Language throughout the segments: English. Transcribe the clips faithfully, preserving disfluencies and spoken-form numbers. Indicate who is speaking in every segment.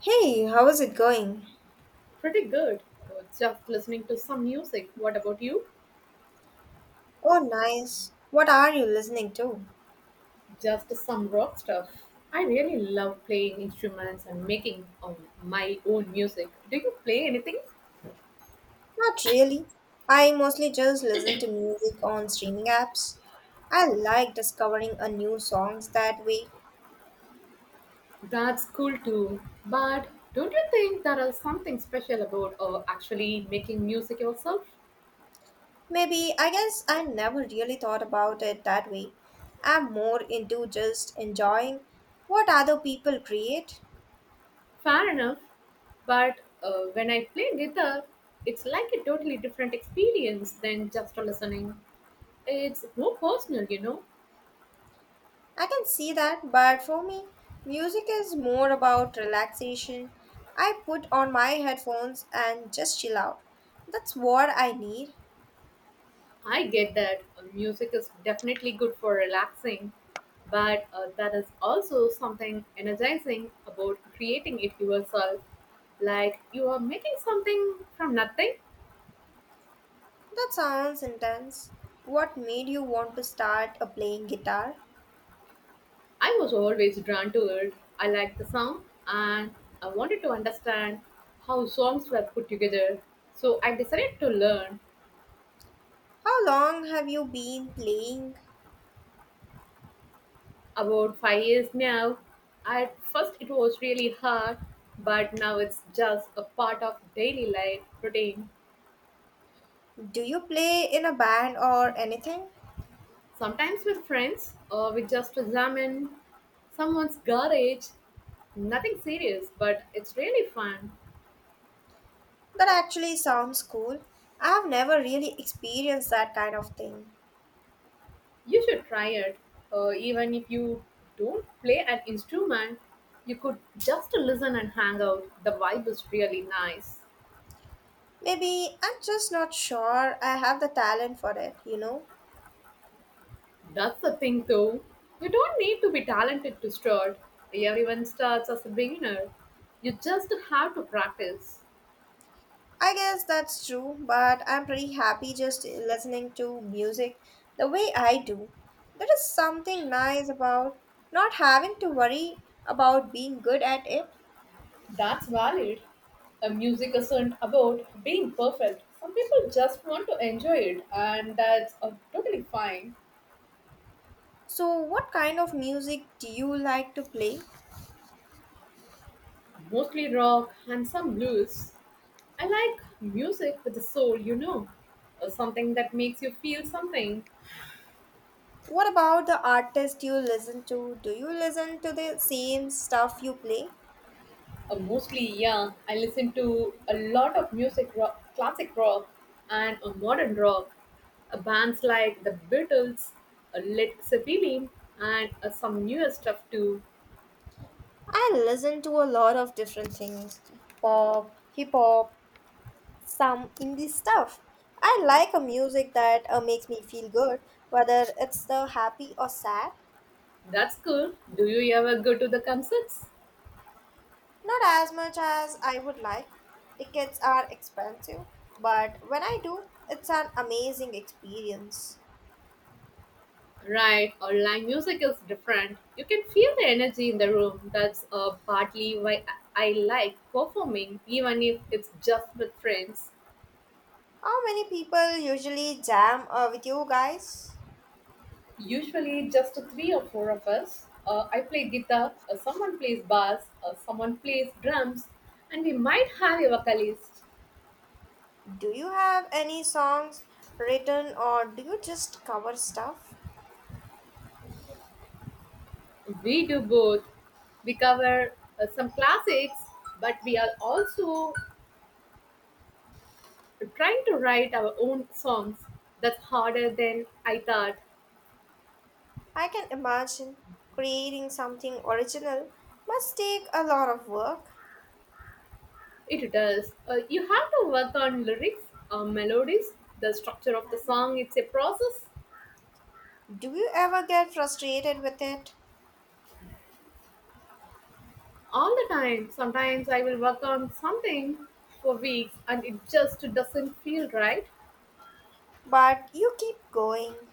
Speaker 1: Hey, how is it going?
Speaker 2: Pretty good. Uh, Just listening to some music. What about you?
Speaker 1: Oh, nice. What are you listening to?
Speaker 2: Just some rock stuff. I really love playing instruments and making um, my own music. Do you play anything?
Speaker 1: Not really. I mostly just listen to music on streaming apps. I like discovering a new songs that way.
Speaker 2: That's cool too. But don't you think there is something special about uh, actually making music yourself?
Speaker 1: Maybe I guess I never really thought about it that way. I'm more into just enjoying what other people create.
Speaker 2: Fair enough. But uh, when I play guitar, it's like a totally different experience than just listening. It's more personal, you know.
Speaker 1: I can see that, but for me, music is more about relaxation. I put on my headphones and just chill out. That's what I need.
Speaker 2: I get that uh, music is definitely good for relaxing, but uh, there is also something energizing about creating it yourself. Like you are making something from nothing.
Speaker 1: That sounds intense. What made you want to start a playing guitar?
Speaker 2: I was always drawn to it. I liked the sound, and I wanted to understand how songs were put together. So I decided to learn
Speaker 1: How long have you been playing?
Speaker 2: about five years now. At first, it was really hard, but now it's just a part of daily life routine.
Speaker 1: Do you play in a band or anything?
Speaker 2: Sometimes with friends, or we just examine someone's garage. Nothing serious, but it's really fun.
Speaker 1: That actually sounds cool. I have never really experienced that kind of thing.
Speaker 2: You should try it. Uh, even if you don't play an instrument, you could just listen and hang out. The vibe is really nice.
Speaker 1: Maybe I'm just not sure I have the talent for it, you know?
Speaker 2: That's the thing, though. You don't need to be talented to start. Everyone starts as a beginner. You just have to practice.
Speaker 1: I guess that's true, but I'm pretty happy just listening to music the way I do. There is something nice about not having to worry about being good at it.
Speaker 2: That's valid. A music isn't about being perfect. Some people just want to enjoy it, and that's uh, totally fine.
Speaker 1: So, what kind of music do you like to play?
Speaker 2: Mostly rock and some blues. I like music with the soul, you know, Uh, something that makes you feel something.
Speaker 1: What about the artist you listen to? Do you listen to the same stuff you play?
Speaker 2: Uh, mostly, yeah, I listen to a lot of music, rock, classic rock, and uh, modern rock. Uh, bands like the Beatles, uh, Led Zeppelin, and uh, some newer stuff too.
Speaker 1: I listen to a lot of different things pop, hip hop, some indie stuff. I like a music that uh, makes me feel good, whether it's the happy or sad.
Speaker 2: That's cool. Do you ever go to the concerts?
Speaker 1: Not as much as I would like. Tickets are expensive, but when I do, it's an amazing experience.
Speaker 2: Right, online music is different. You can feel the energy in the room. That's uh, partly why I I like performing, even if it's just with friends.
Speaker 1: How many people usually jam uh, with you guys?
Speaker 2: Usually, just three or four of us. Uh, I play guitar, uh, someone plays bass, uh, someone plays drums, and we might have a vocalist.
Speaker 1: Do you have any songs written or do you just cover stuff?
Speaker 2: We do both. We cover uh, some classics, but we are also trying to write our own songs. That's harder than I thought.
Speaker 1: I can imagine creating something original must take a lot of work.
Speaker 2: It does. Uh, you have to work on lyrics, uh, melodies, the structure of the song. It's a process.
Speaker 1: Do you ever get frustrated with it?
Speaker 2: All the time. Sometimes I will work on something for weeks and it just doesn't feel right.
Speaker 1: But you keep going.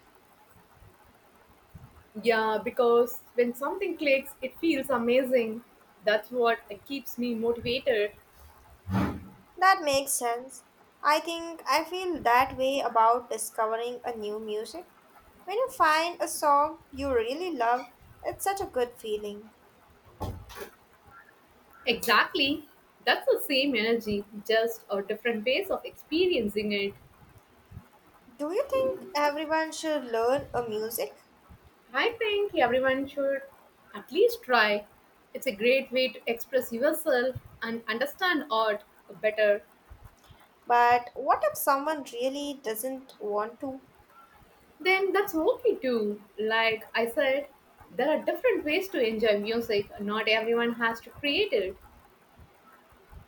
Speaker 2: Yeah, because when something clicks, it feels amazing. That's what keeps me motivated.
Speaker 1: That makes sense. I think I feel that way about discovering a new music. When you find a song you really love, it's such a good feeling.
Speaker 2: Exactly. That's the same energy, just a different ways of experiencing it.
Speaker 1: Do you think everyone should learn a music?
Speaker 2: I think everyone should at least try. It's a great way to express yourself and understand art better.
Speaker 1: But what if someone really doesn't want to?
Speaker 2: Then that's okay too. Like I said, there are different ways to enjoy music. Not everyone has to create it.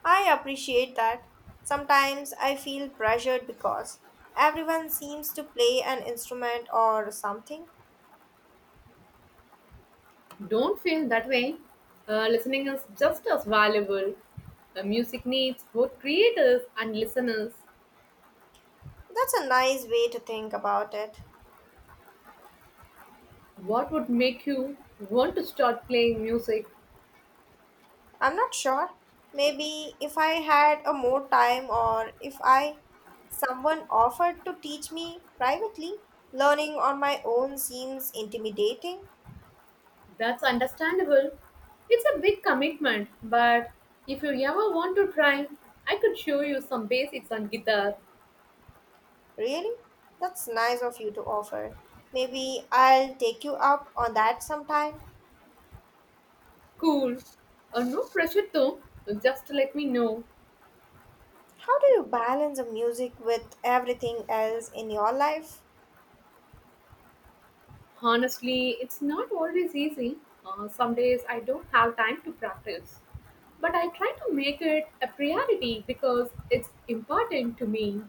Speaker 1: I appreciate that. Sometimes I feel pressured because everyone seems to play an instrument or something.
Speaker 2: Don't feel that way. Uh, listening is just as valuable. Uh, music needs both creators and listeners.
Speaker 1: That's a nice way to think about it.
Speaker 2: What would make you want to start playing music?
Speaker 1: I'm not sure. Maybe if I had a more time or if I someone offered to teach me privately, learning on my own seems intimidating.
Speaker 2: That's understandable. It's a big commitment, but if you ever want to try, I could show you some basics on guitar.
Speaker 1: Really? That's nice of you to offer. Maybe I'll take you up on that sometime.
Speaker 2: Cool. Uh, no pressure though, just let me know.
Speaker 1: How do you balance the music with everything else in your life?
Speaker 2: Honestly, it's not always easy. Uh, some days I don't have time to practice. But I try to make it a priority because it's important to me.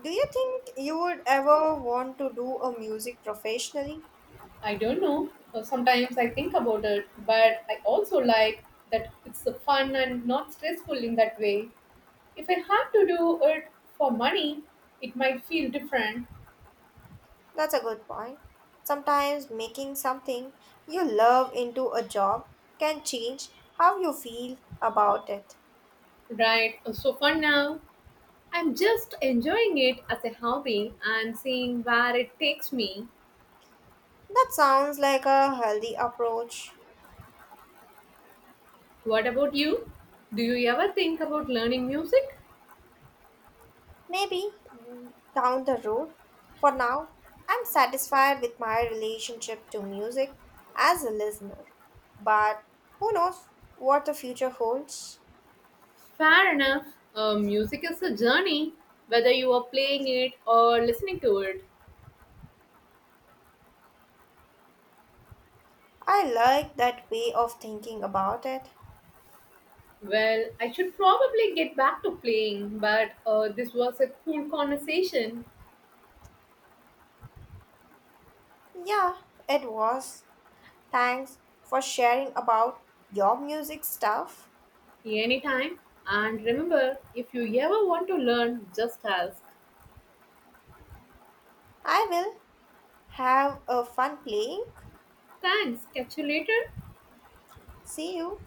Speaker 1: Do you think you would ever want to do a music professionally?
Speaker 2: I don't know. uh, Sometimes I think about it, but I also like that it's uh, fun and not stressful in that way. If I have to do it for money, it might feel different,
Speaker 1: That's a good point. Sometimes making something you love into a job can change how you feel about it.
Speaker 2: right? So for now, I'm just enjoying it as a hobby and seeing where it takes me.
Speaker 1: That sounds like a healthy approach.
Speaker 2: What about you? Do you ever think about learning music?
Speaker 1: Maybe mm, down the road. For now, I'm satisfied with my relationship to music as a listener. But who knows what the future holds?
Speaker 2: Fair enough. Uh, music is a journey, whether you are playing it or listening to it.
Speaker 1: I like that way of thinking about it.
Speaker 2: Well, I should probably get back to playing, but uh, this was a cool conversation.
Speaker 1: Yeah, it was. Thanks for sharing about your music stuff.
Speaker 2: Anytime. And remember, if you ever want to learn, just ask.
Speaker 1: I will have a fun playing.
Speaker 2: Thanks, catch you later.
Speaker 1: See you.